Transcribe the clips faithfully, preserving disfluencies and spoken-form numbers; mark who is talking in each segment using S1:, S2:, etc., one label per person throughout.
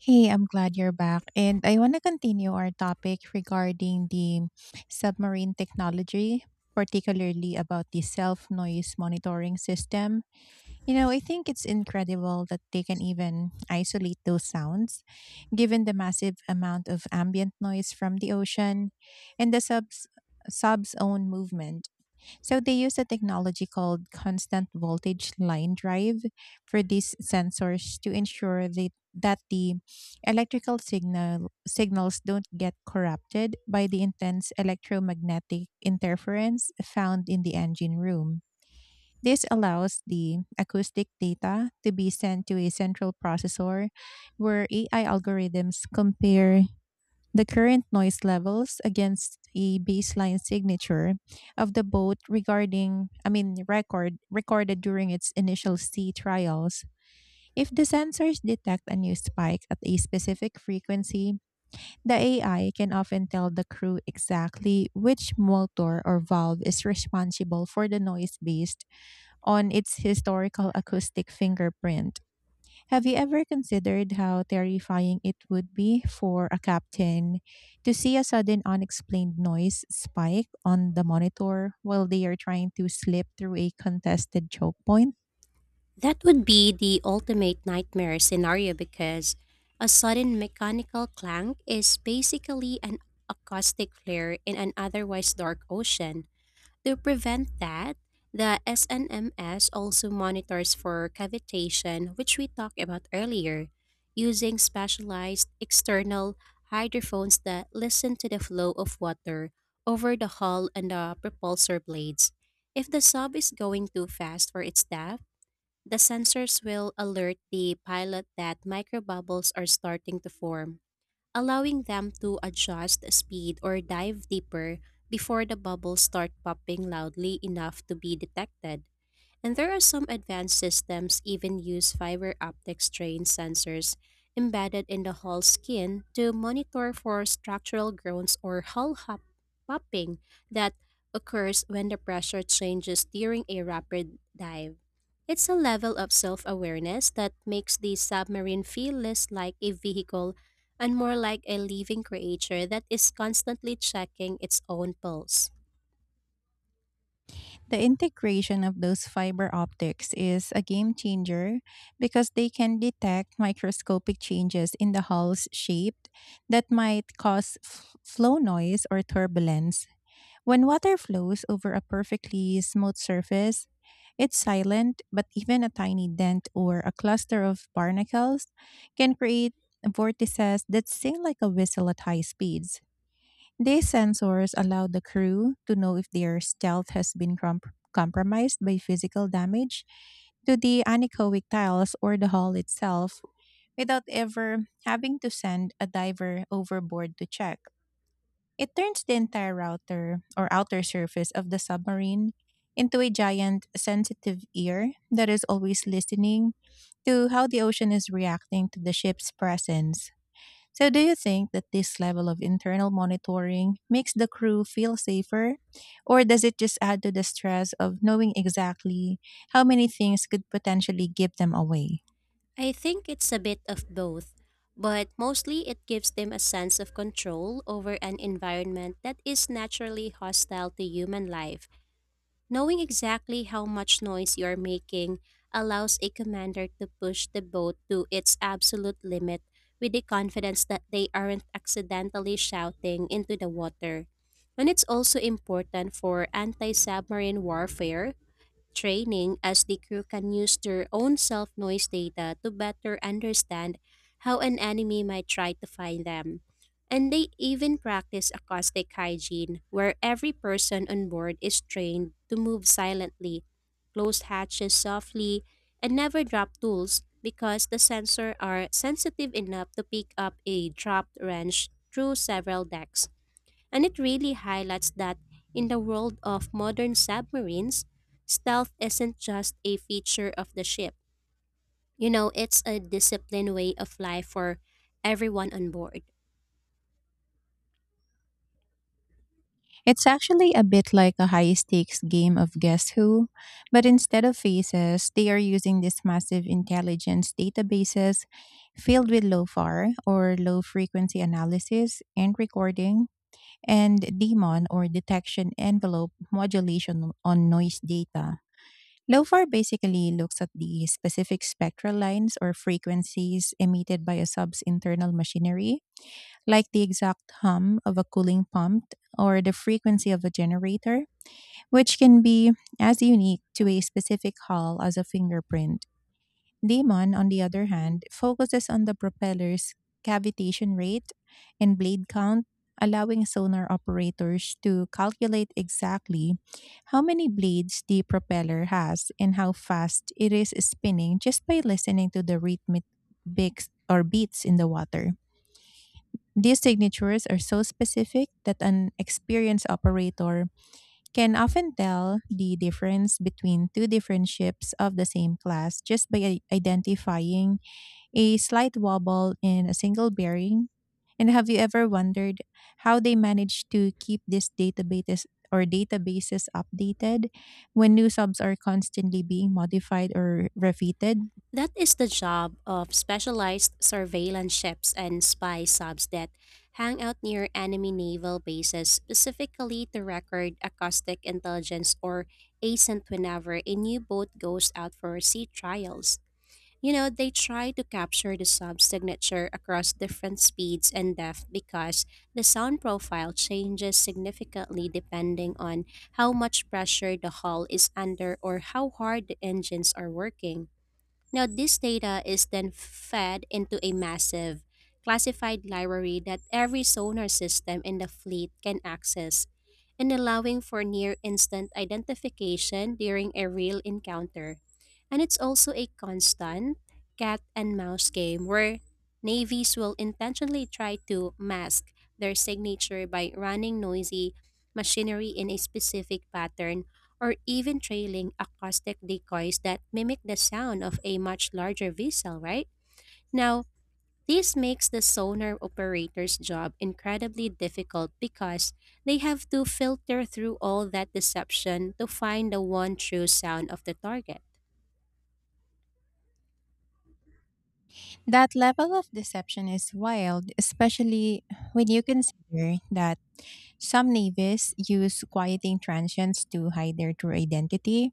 S1: Hey, I'm glad you're back. And I want to continue our topic regarding the submarine technology, particularly about the self noise monitoring system. You know, I think it's incredible that they can even isolate those sounds, given the massive amount of ambient noise from the ocean and the subs sub's own movement. So they use a technology called constant voltage line drive for these sensors to ensure that that the electrical signal signals don't get corrupted by the intense electromagnetic interference found in the engine room. This allows the acoustic data to be sent to a central processor where A I algorithms compare the current noise levels against a baseline signature of the boat regarding I mean record recorded during its initial sea trials. If the sensors detect a new spike at a specific frequency, the A I can often tell the crew exactly which motor or valve is responsible for the noise based on its historical acoustic fingerprint. Have you ever considered how terrifying it would be for a captain to see a sudden unexplained noise spike on the monitor while they are trying to slip through a contested choke point?
S2: That would be the ultimate nightmare scenario, because a sudden mechanical clank is basically an acoustic flare in an otherwise dark ocean. To prevent that, the S N M S also monitors for cavitation, which we talked about earlier, using specialized external hydrophones that listen to the flow of water over the hull and the propulsor blades. If the sub is going too fast for its depth, the sensors will alert the pilot that microbubbles are starting to form, allowing them to adjust speed or dive deeper before the bubbles start popping loudly enough to be detected. And there are some advanced systems even use fiber optic strain sensors embedded in the hull skin to monitor for structural groans or hull hop- popping that occurs when the pressure changes during a rapid dive. It's a level of self awareness that makes the submarine feel less like a vehicle and more like a living creature that is constantly checking its own pulse.
S1: The integration of those fiber optics is a game changer because they can detect microscopic changes in the hull's shape that might cause f- flow noise or turbulence. When water flows over a perfectly smooth surface, it's silent, but even a tiny dent or a cluster of barnacles can create vortices that sing like a whistle at high speeds. These sensors allow the crew to know if their stealth has been comp- compromised by physical damage to the anechoic tiles or the hull itself, without ever having to send a diver overboard to check. It turns the entire router or outer surface of the submarine into a giant sensitive ear that is always listening to how the ocean is reacting to the ship's presence. So, do you think that this level of internal monitoring makes the crew feel safer, or does it just add to the stress of knowing exactly how many things could potentially give them away?
S2: I think it's a bit of both, but mostly it gives them a sense of control over an environment that is naturally hostile to human life. Knowing exactly how much noise you are making allows a commander to push the boat to its absolute limit with the confidence that they aren't accidentally shouting into the water. And it's also important for anti submarine warfare training, as the crew can use their own self noise data to better understand how an enemy might try to find them. And they even practice acoustic hygiene, where every person on board is trained to move silently, close hatches softly, and never drop tools, because the sensors are sensitive enough to pick up a dropped wrench through several decks. And it really highlights that in the world of modern submarines, stealth isn't just a feature of the ship. You know, it's a disciplined way of life for everyone on board.
S1: It's actually a bit like a high stakes game of Guess Who, but instead of faces, they are using these massive intelligence databases filled with LOFAR, or low frequency analysis and recording, and DEMON, or detection envelope modulation on noise data. LOFAR basically looks at the specific spectral lines or frequencies emitted by a sub's internal machinery, like the exact hum of a cooling pump or the frequency of a generator, which can be as unique to a specific hull as a fingerprint. Damon, on the other hand, focuses on the propeller's cavitation rate and blade count, allowing sonar operators to calculate exactly how many blades the propeller has and how fast it is spinning just by listening to the rhythmic beats or beats in the water. These signatures are so specific that an experienced operator can often tell the difference between two different ships of the same class just by i- identifying a slight wobble in a single bearing. And have you ever wondered how they manage to keep these databases or databases updated when new subs are constantly being modified or refitted?
S2: That is the job of specialized surveillance ships and spy subs that hang out near enemy naval bases specifically to record acoustic intelligence, or ascent, whenever a new boat goes out for sea trials. You know, they try to capture the sub's signature across different speeds and depth, because the sound profile changes significantly depending on how much pressure the hull is under or how hard the engines are working. Now, this data is then fed into a massive classified library that every sonar system in the fleet can access, and allowing for near instant identification during a real encounter. And it's also a constant cat and mouse game, where navies will intentionally try to mask their signature by running noisy machinery in a specific pattern, or even trailing acoustic decoys that mimic the sound of a much larger vessel, right? Now, this makes the sonar operator's job incredibly difficult, because they have to filter through all that deception to find the one true sound of the target.
S1: That level of deception is wild, especially when you consider that some navies use quieting transients to hide their true identity,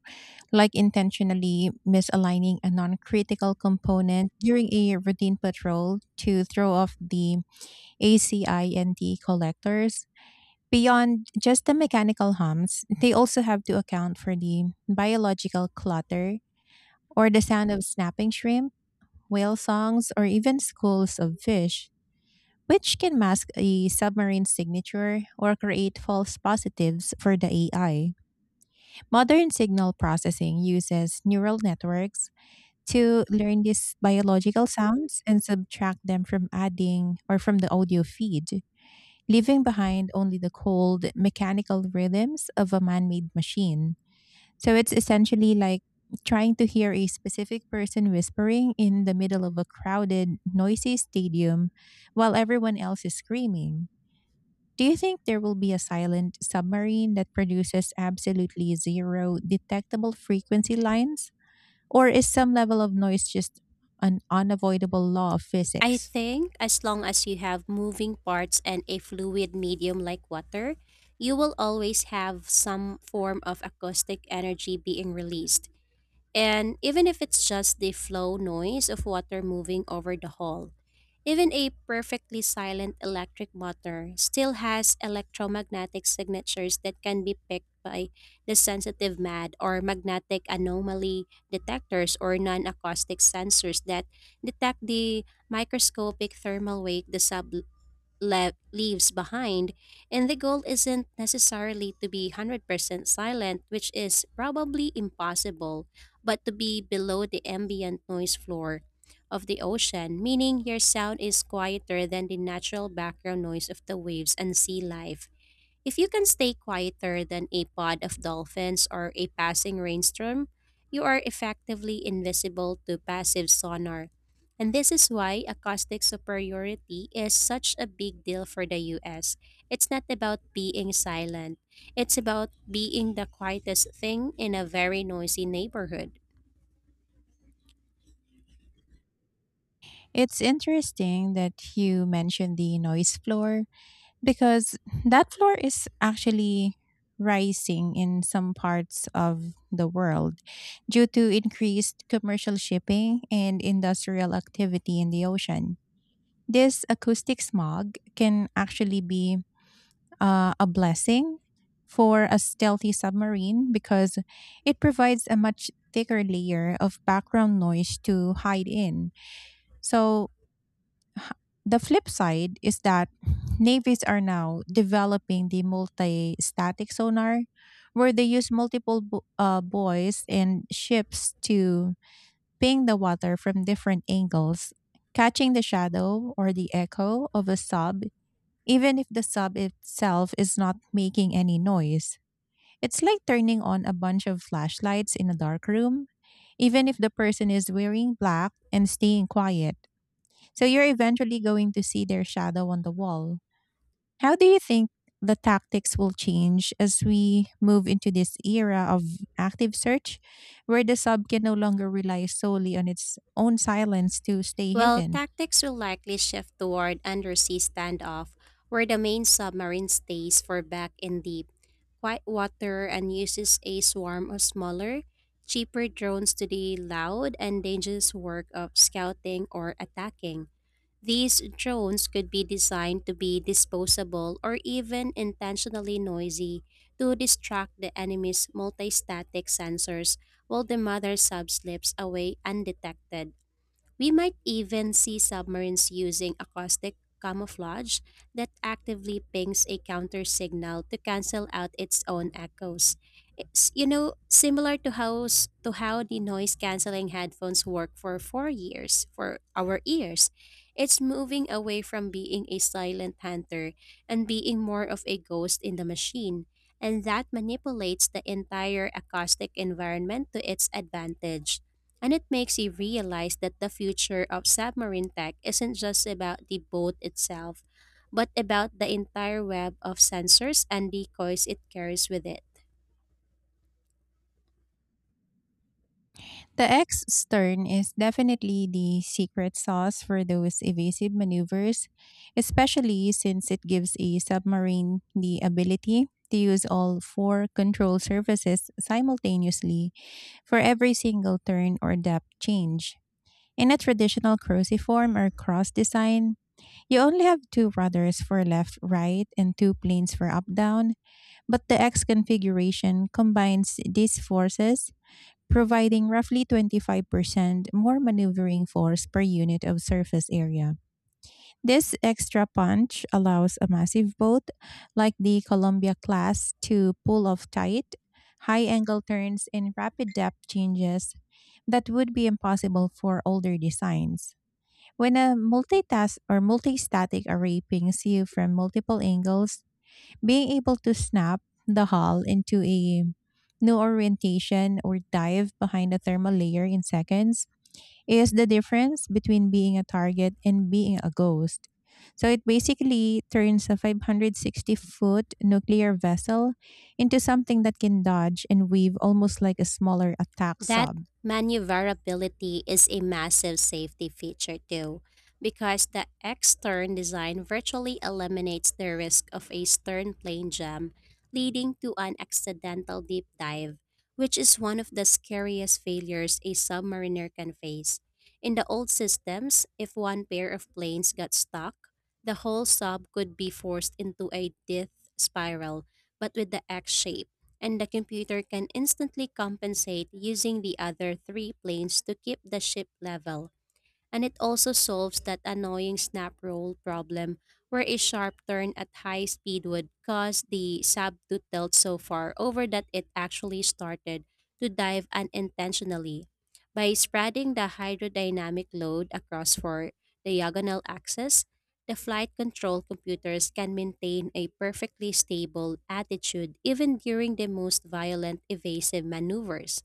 S1: like intentionally misaligning a non critical component during a routine patrol to throw off the ACINT collectors. Beyond just the mechanical hums, they also have to account for the biological clutter, or the sound of snapping shrimp, whale songs, or even schools of fish, which can mask a submarine signature or create false positives for the A I. Modern signal processing uses neural networks to learn these biological sounds and subtract them from adding or from the audio feed, leaving behind only the cold mechanical rhythms of a man made machine. So it's essentially like trying to hear a specific person whispering in the middle of a crowded, noisy stadium while everyone else is screaming. Do you think there will be a silent submarine that produces absolutely zero detectable frequency lines? Or is some level of noise just an unavoidable law of
S2: I
S1: physics?
S2: think as long as you have moving parts and a fluid medium like water, you will always have some form of acoustic energy being released. And even if it's just the flow noise of water moving over the hall, even a perfectly silent electric motor still has electromagnetic signatures that can be picked by the sensitive MAD, or magnetic anomaly detectors, or non acoustic sensors that detect the microscopic thermal wake the sub le- leaves behind. And the goal isn't necessarily to be one hundred percent silent, which is probably impossible, but to be below the ambient noise floor of the ocean, meaning your sound is quieter than the natural background noise of the waves and sea life. If you can stay quieter than a pod of dolphins or a passing rainstorm, you are effectively invisible to passive sonar. And this is why acoustic superiority is such a big deal for the U S. It's not about being silent, it's about being the quietest thing in a very noisy neighborhood.
S1: It's interesting that you mentioned the noise floor, because that floor is actually rising in some parts of the world due to increased commercial shipping and industrial activity in the ocean. This acoustic smog can actually be uh, a blessing for a stealthy submarine because it provides a much thicker layer of background noise to hide in. So, h- the flip side is that navies are now developing the multi static sonar, where they use multiple bo- uh, buoys and ships to ping the water from different angles, catching the shadow or the echo of a sub even if the sub itself is not making any noise. It's like turning on a bunch of flashlights in a dark room. Even if the person is wearing black and staying quiet, so you're eventually going to see their shadow on the wall. How do you think the tactics will change as we move into this era of active search, where the sub can no longer rely solely on its own silence to stay
S2: Well,
S1: hidden?
S2: tactics will likely shift toward undersea standoff, where the main submarine stays for back in deep quiet water and uses a swarm of smaller, cheaper drones to the loud and dangerous work of scouting or attacking. These drones could be designed to be disposable or even intentionally noisy to distract the enemy's multi static sensors while the mother sub slips away undetected. We might even see submarines using acoustic camouflage that actively pings a counter signal to cancel out its own echoes. It's, you know, similar to how, s- to how the noise canceling headphones work for four years for our ears. It's moving away from being a silent hunter and being more of a ghost in the machine, and that manipulates the entire acoustic environment to its advantage. And it makes you realize that the future of submarine tech isn't just about the boat itself, but about the entire web of sensors and decoys it carries with it.
S1: The X stern is definitely the secret sauce for those evasive maneuvers, especially since it gives a submarine the ability to use all four control surfaces simultaneously for every single turn or depth change. In a traditional cruciform or cross design, you only have two rudders for left right and two planes for up down, but the X configuration combines these forces, providing roughly twenty-five percent more maneuvering force per unit of surface area. This extra punch allows a massive boat like the Columbia class to pull off tight, high angle turns and rapid depth changes that would be impossible for older designs. When a multitask or multi-static array pings you from multiple angles, being able to snap the hull into a new orientation or dive behind a thermal layer in seconds is the difference between being a target and being a ghost. So it basically turns a five hundred sixty foot nuclear vessel into something that can dodge and weave almost like a smaller attack
S2: That
S1: sub.
S2: maneuverability is a massive safety feature too, because the X-turn design virtually eliminates the risk of a stern plane jam leading to an accidental deep dive, which is one of the scariest failures a submariner can face. In the old systems, if one pair of planes got stuck, the whole sub could be forced into a death spiral, but with the X shape, and the computer can instantly compensate using the other three planes to keep the ship level. And it also solves that annoying snap roll problem, where a sharp turn at high speed would cause the sub to tilt so far over that it actually started to dive unintentionally. By spreading the hydrodynamic load across four diagonal axes, the flight control computers can maintain a perfectly stable attitude even during the most violent evasive maneuvers.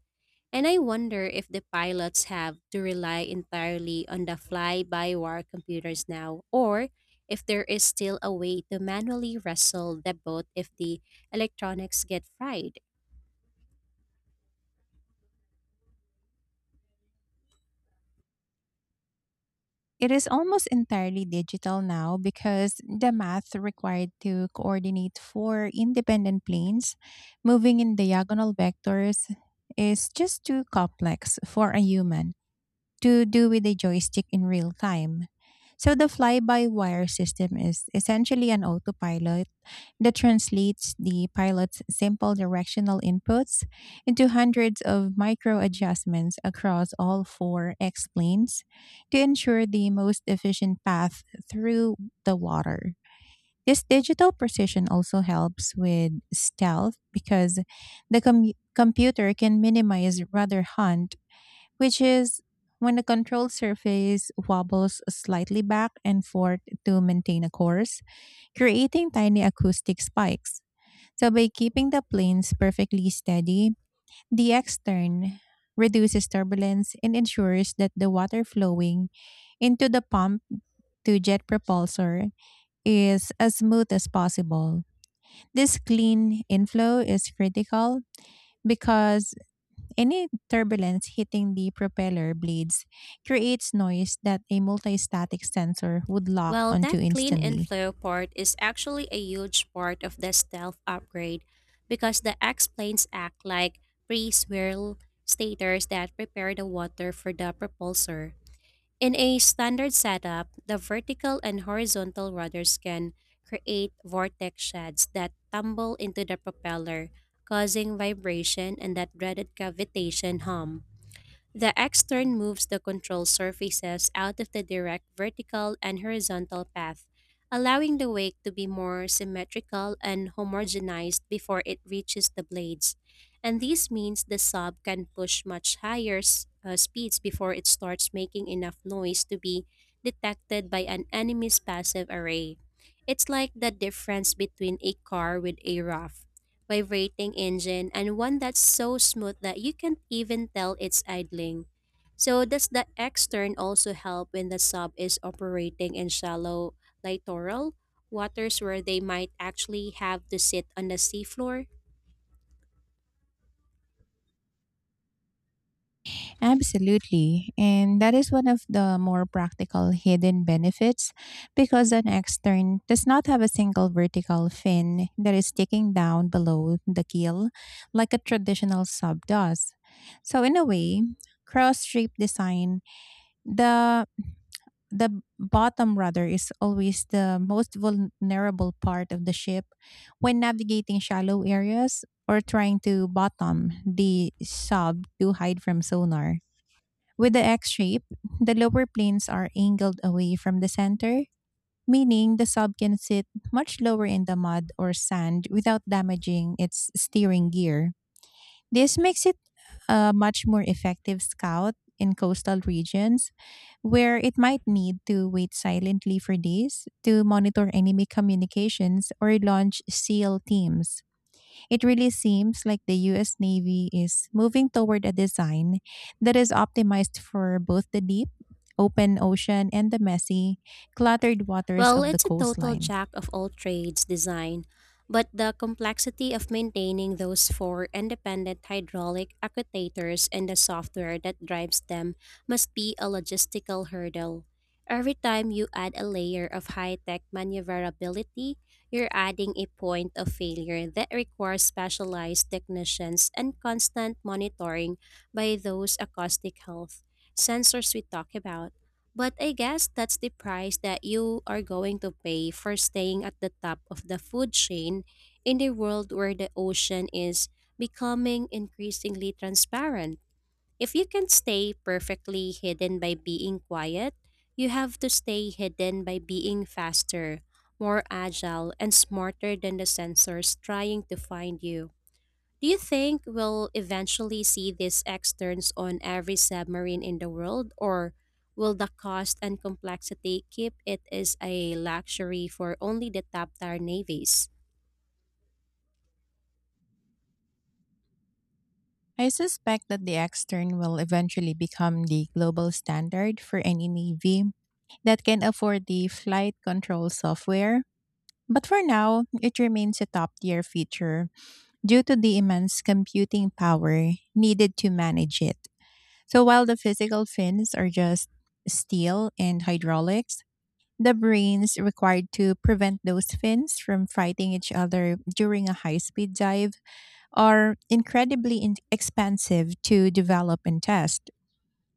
S2: And I wonder if the pilots have to rely entirely on the fly by wire computers now, or if there is still a way to manually wrestle the boat if the electronics get fried.
S1: It is almost entirely digital now, because the math required to coordinate four independent planes moving in diagonal vectors is just too complex for a human to do with a joystick in real time. So the fly-by-wire system is essentially an autopilot that translates the pilot's simple directional inputs into hundreds of micro adjustments across all four X planes to ensure the most efficient path through the water. This digital precision also helps with stealth because the com- computer can minimize rudder hunt, which is when the control surface wobbles slightly back and forth to maintain a course, creating tiny acoustic spikes. So, by keeping the planes perfectly steady, the extern reduces turbulence and ensures that the water flowing into the pump to jet propulsor is as smooth as possible. This clean inflow is critical because any turbulence hitting the propeller blades creates noise that a multistatic sensor would lock
S2: Well,
S1: onto
S2: that clean and
S1: instantly.
S2: flow part is actually a huge part of the stealth upgrade, because the X planes act like pre swirl stators that prepare the water for the propulsor. In a standard setup, the vertical and horizontal rudders can create vortex shafts that tumble into the propeller, causing vibration and that dreaded cavitation hum. The extern moves the control surfaces out of the direct vertical and horizontal path, allowing the wake to be more symmetrical and homogenized before it reaches the blades. And this means the sub can push much higher s- uh, speeds before it starts making enough noise to be detected by an enemy's passive array. It's like the difference between a car with a roof vibrating engine and one that's so smooth that you can't even tell it's idling. So does the X-turn also help when the sub is operating in shallow littoral waters, where they might actually have to sit on the seafloor?
S1: Absolutely. And that is one of the more practical hidden benefits, because an extern does not have a single vertical fin that is sticking down below the keel like a traditional sub does. So, in a way, cross shape design, the the bottom rather is always the most vulnerable part of the ship when navigating shallow areas or trying to bottom the sub to hide from sonar. With the X shape, the lower planes are angled away from the center, meaning the sub can sit much lower in the mud or sand without damaging its steering gear. This makes it a much more effective scout in coastal regions where it might need to wait silently for days to monitor enemy communications or launch SEAL teams. It really seems like the U S Navy is moving toward a design that is optimized for both the deep, open ocean and the messy, cluttered waters
S2: Well,
S1: of the
S2: it's a total
S1: coastline.
S2: jack of all trades design, but the complexity of maintaining those four independent hydraulic actuators and the software that drives them must be a logistical hurdle. Every time you add a layer of high tech maneuverability, you're adding a point of failure that requires specialized technicians and constant monitoring by those acoustic health sensors we talk about. But I guess that's the price that you are going to pay for staying at the top of the food chain in a world where the ocean is becoming increasingly transparent. If you can stay perfectly hidden by being quiet, you have to stay hidden by being faster, more agile, and smarter than the sensors trying to find you. Do you think we'll eventually see these externs on every submarine in the world, or will the cost and complexity keep it as a luxury for only the top tier navies?
S1: I suspect that the X turn will eventually become the global standard for any Navy that can afford the flight control software. But for now, it remains a top tier feature due to the immense computing power needed to manage it. So while the physical fins are just steel and hydraulics, the brains required to prevent those fins from fighting each other during a high speed dive are incredibly in- expensive to develop and test.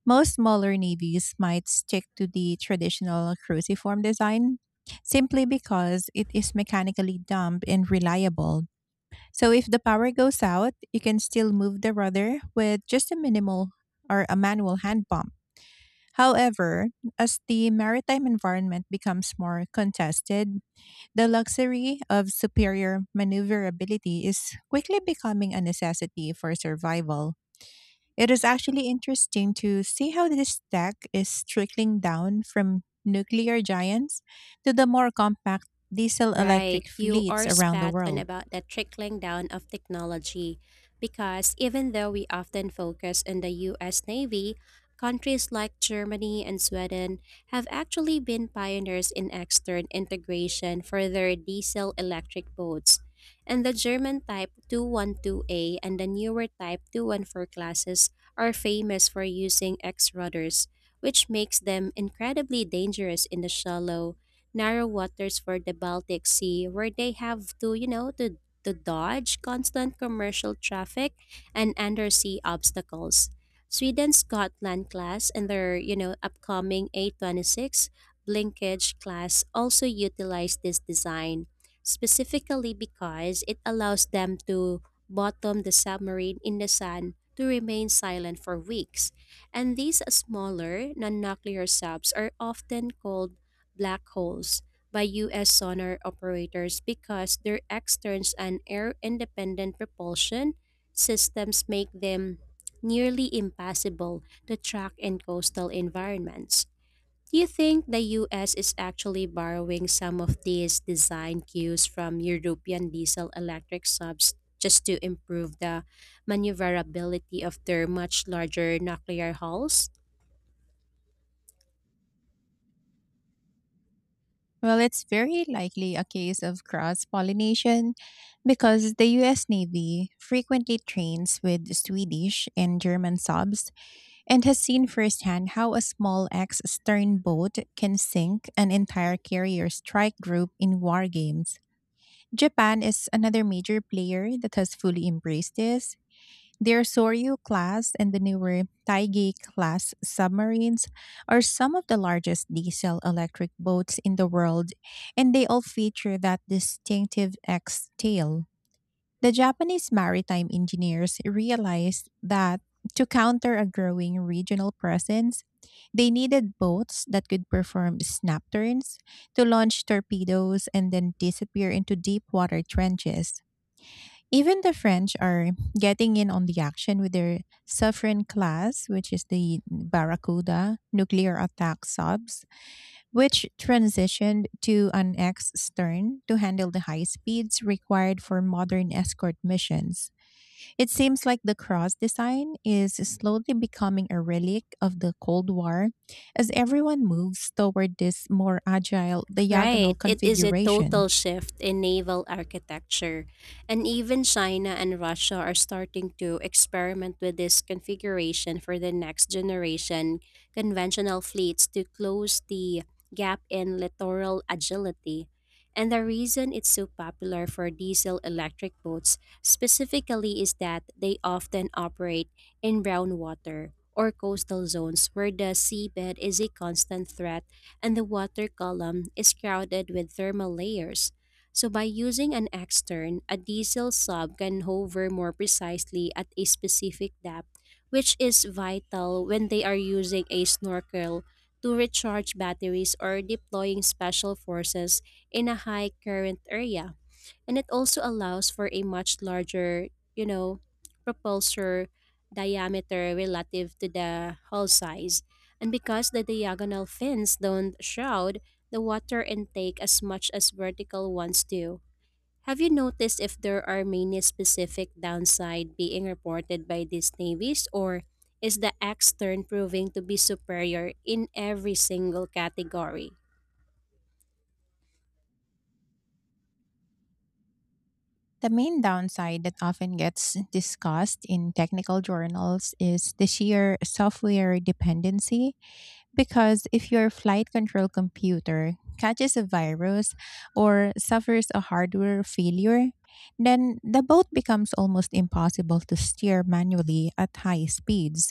S1: Most smaller navies might stick to the traditional cruciform design simply because it is mechanically dumb and reliable. So if the power goes out, you can still move the rudder with just a minimal or a manual hand pump. However, as the maritime environment becomes more contested, the luxury of superior maneuverability is quickly becoming a necessity for survival. It is actually interesting to see how this tech is trickling down from nuclear giants to the more compact diesel
S2: Right,
S1: electric
S2: you
S1: fleets
S2: are
S1: around the
S2: spot on
S1: world.
S2: about the trickling down of technology. Because even though we often focus on the U S Navy, countries like Germany and Sweden have actually been pioneers in extern integration for their diesel electric boats. And the German Type two one two A and the newer Type two one four classes are famous for using X rudders, which makes them incredibly dangerous in the shallow narrow waters for the Baltic Sea, where they have to, you know, to to dodge constant commercial traffic and undersea obstacles. Sweden's Gotland class and their, you know, upcoming A twenty-six Blinkage class also utilize this design, specifically because it allows them to bottom the submarine in the sun to remain silent for weeks. And these smaller, non nuclear subs are often called black holes by U S sonar operators, because their externs and air independent propulsion systems make them nearly impossible to track in coastal environments. Do you think the U S is actually borrowing some of these design cues from European diesel electric subs just to improve the maneuverability of their much larger nuclear hulls?
S1: Well, it's very likely a case of cross pollination because the U S Navy frequently trains with Swedish and German subs and has seen firsthand how a small ex stern boat can sink an entire carrier strike group in war games. Japan is another major player that has fully embraced this. Their Soryu class and the newer Taigi class submarines are some of the largest diesel electric boats in the world, and they all feature that distinctive X tail. The Japanese maritime engineers realized that to counter a growing regional presence, they needed boats that could perform snap turns to launch torpedoes and then disappear into deep water trenches. Even the French are getting in on the action with their Suffren class, which is the Barracuda nuclear attack subs, which transitioned to an X stern to handle the high speeds required for modern escort missions. It seems like the cross design is slowly becoming a relic of the Cold War as everyone moves toward this more agile
S2: Right.
S1: diagonal
S2: It is a total
S1: configuration.
S2: shift in naval architecture. And even China and Russia are starting to experiment with this configuration for the next generation conventional fleets to close the gap in littoral agility. And the reason it's so popular for diesel electric boats specifically is that they often operate in brown water or coastal zones, where the seabed is a constant threat and the water column is crowded with thermal layers. So, by using an extern, a diesel sub can hover more precisely at a specific depth, which is vital when they are using a snorkel to recharge batteries or deploying special forces in a high current area. And it also allows for a much larger, you know, propulsor diameter relative to the hull size. And because the diagonal fins don't shroud the water intake as much as vertical ones do. Have you noticed if there are many specific downside being reported by these navies, or is the X-turn proving to be superior in every single category?
S1: The main downside that often gets discussed in technical journals is the sheer software dependency. Because if your flight control computer catches a virus or suffers a hardware failure, then the boat becomes almost impossible to steer manually at high speeds.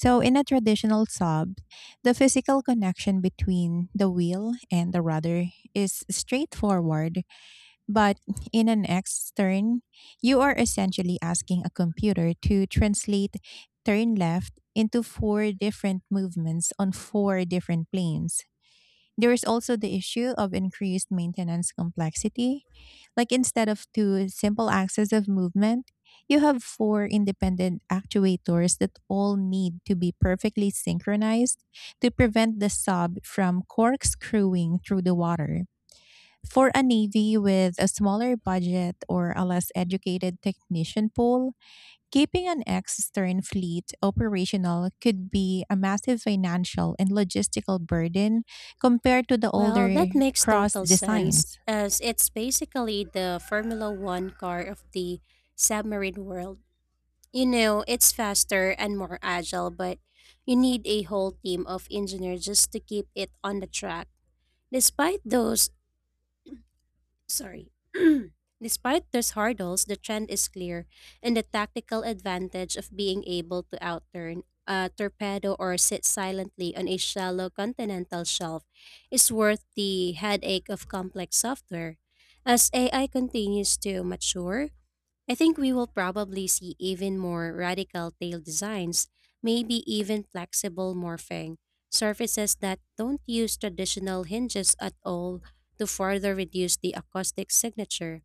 S1: So, in a traditional sub, the physical connection between the wheel and the rudder is straightforward, but in an X turn, you are essentially asking a computer to translate turn left into four different movements on four different planes. There is also the issue of increased maintenance complexity. Like, instead of two simple axes of movement, you have four independent actuators that all need to be perfectly synchronized to prevent the sub from corkscrewing through the water. For a navy with a smaller budget or a less educated technician pool, keeping an ex stern fleet operational could be a massive financial and logistical burden compared to the
S2: Well,
S1: older
S2: that makes
S1: cross
S2: total sense,
S1: designs.
S2: as it's basically the Formula One car of the submarine world. You know, it's faster and more agile, but you need a whole team of engineers just to keep it on the track. Despite those, sorry, Despite those hurdles, the trend is clear, and the tactical advantage of being able to outturn a torpedo or sit silently on a shallow continental shelf is worth the headache of complex software. As A I continues to mature, I think we will probably see even more radical tail designs, maybe even flexible morphing surfaces that don't use traditional hinges at all to further reduce the acoustic signature.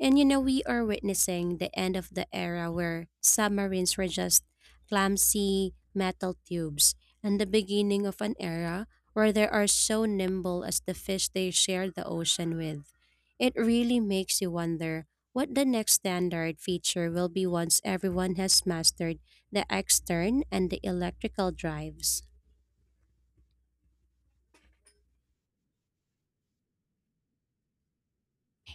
S2: And you know, we are witnessing the end of the era where submarines were just clumsy metal tubes and the beginning of an era where they are so nimble as the fish they share the ocean with. It really makes you wonder what the next standard feature will be once everyone has mastered the extern and the electrical drives.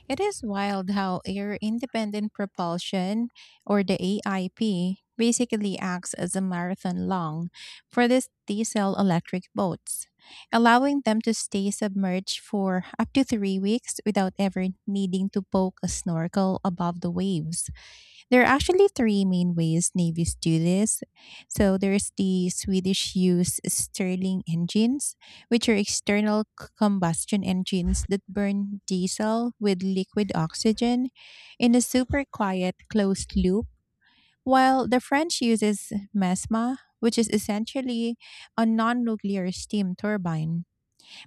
S1: It is wild how air independent propulsion, or the A I P, basically acts as a marathon long for these diesel electric boats, allowing them to stay submerged for up to three weeks without ever needing to poke a snorkel above the waves. There are actually three main ways navies do this. So there's the Swedish use Stirling engines, which are external c- combustion engines that burn diesel with liquid oxygen in a super quiet closed loop, while the French uses MESMA, which is essentially a non nuclear steam turbine.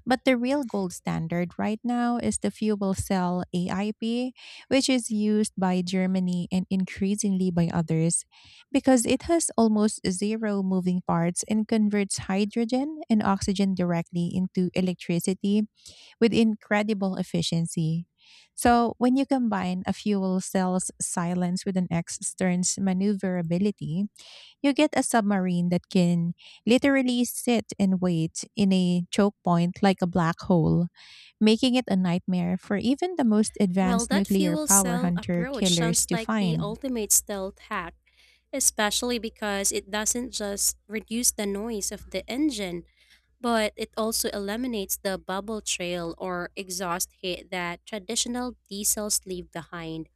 S1: But the real gold standard right now is the fuel cell A I P, which is used by Germany and increasingly by others because it has almost zero moving parts and converts hydrogen and oxygen directly into electricity with incredible efficiency. So, when you combine a fuel cell's silence with an X Stern's maneuverability, you get a submarine that can literally sit and wait in a choke point like a black hole, making it a nightmare for even the most
S2: Well,
S1: advanced
S2: that
S1: nuclear
S2: fuel
S1: power
S2: cell
S1: hunter
S2: approach
S1: killers
S2: sounds
S1: to
S2: like the
S1: find.
S2: ultimate stealth hack, especially because it doesn't just reduce the noise of the engine, but it also eliminates the bubble trail or exhaust heat that traditional diesels leave behind.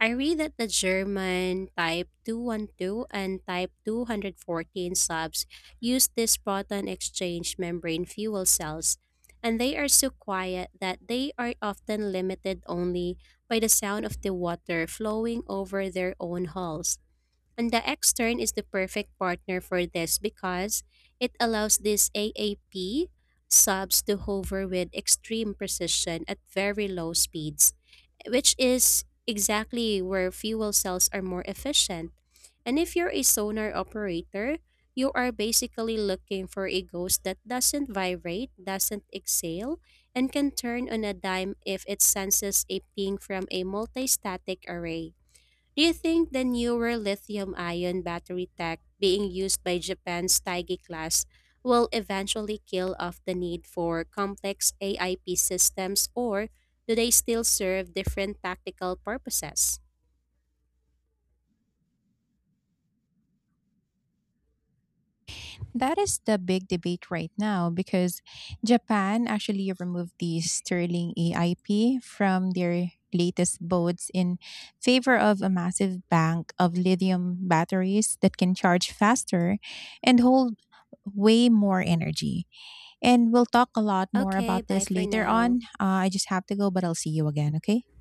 S2: I read that the German Type two one two and Type two one four subs use these proton exchange membrane fuel cells, and they are so quiet that they are often limited only by the sound of the water flowing over their own hulls. And the extern is the perfect partner for this, because it allows these A A P subs to hover with extreme precision at very low speeds, which is exactly where fuel cells are more efficient. And if you're a sonar operator, you are basically looking for a ghost that doesn't vibrate, doesn't exhale, and can turn on a dime if it senses a ping from a multi static array. Do you think the newer lithium ion battery tech being used by Japan's Taigi class will eventually kill off the need for complex A I P systems, or do they still serve different tactical purposes?
S1: That is the big debate right now because Japan actually removed the Sterling A I P from their latest boats in favor of a massive bank of lithium batteries that can charge faster and hold way more energy. And we'll talk a lot more
S2: Okay,
S1: about
S2: bye
S1: this
S2: for
S1: later
S2: now.
S1: on. Uh, I just have to go, but I'll see you again, okay?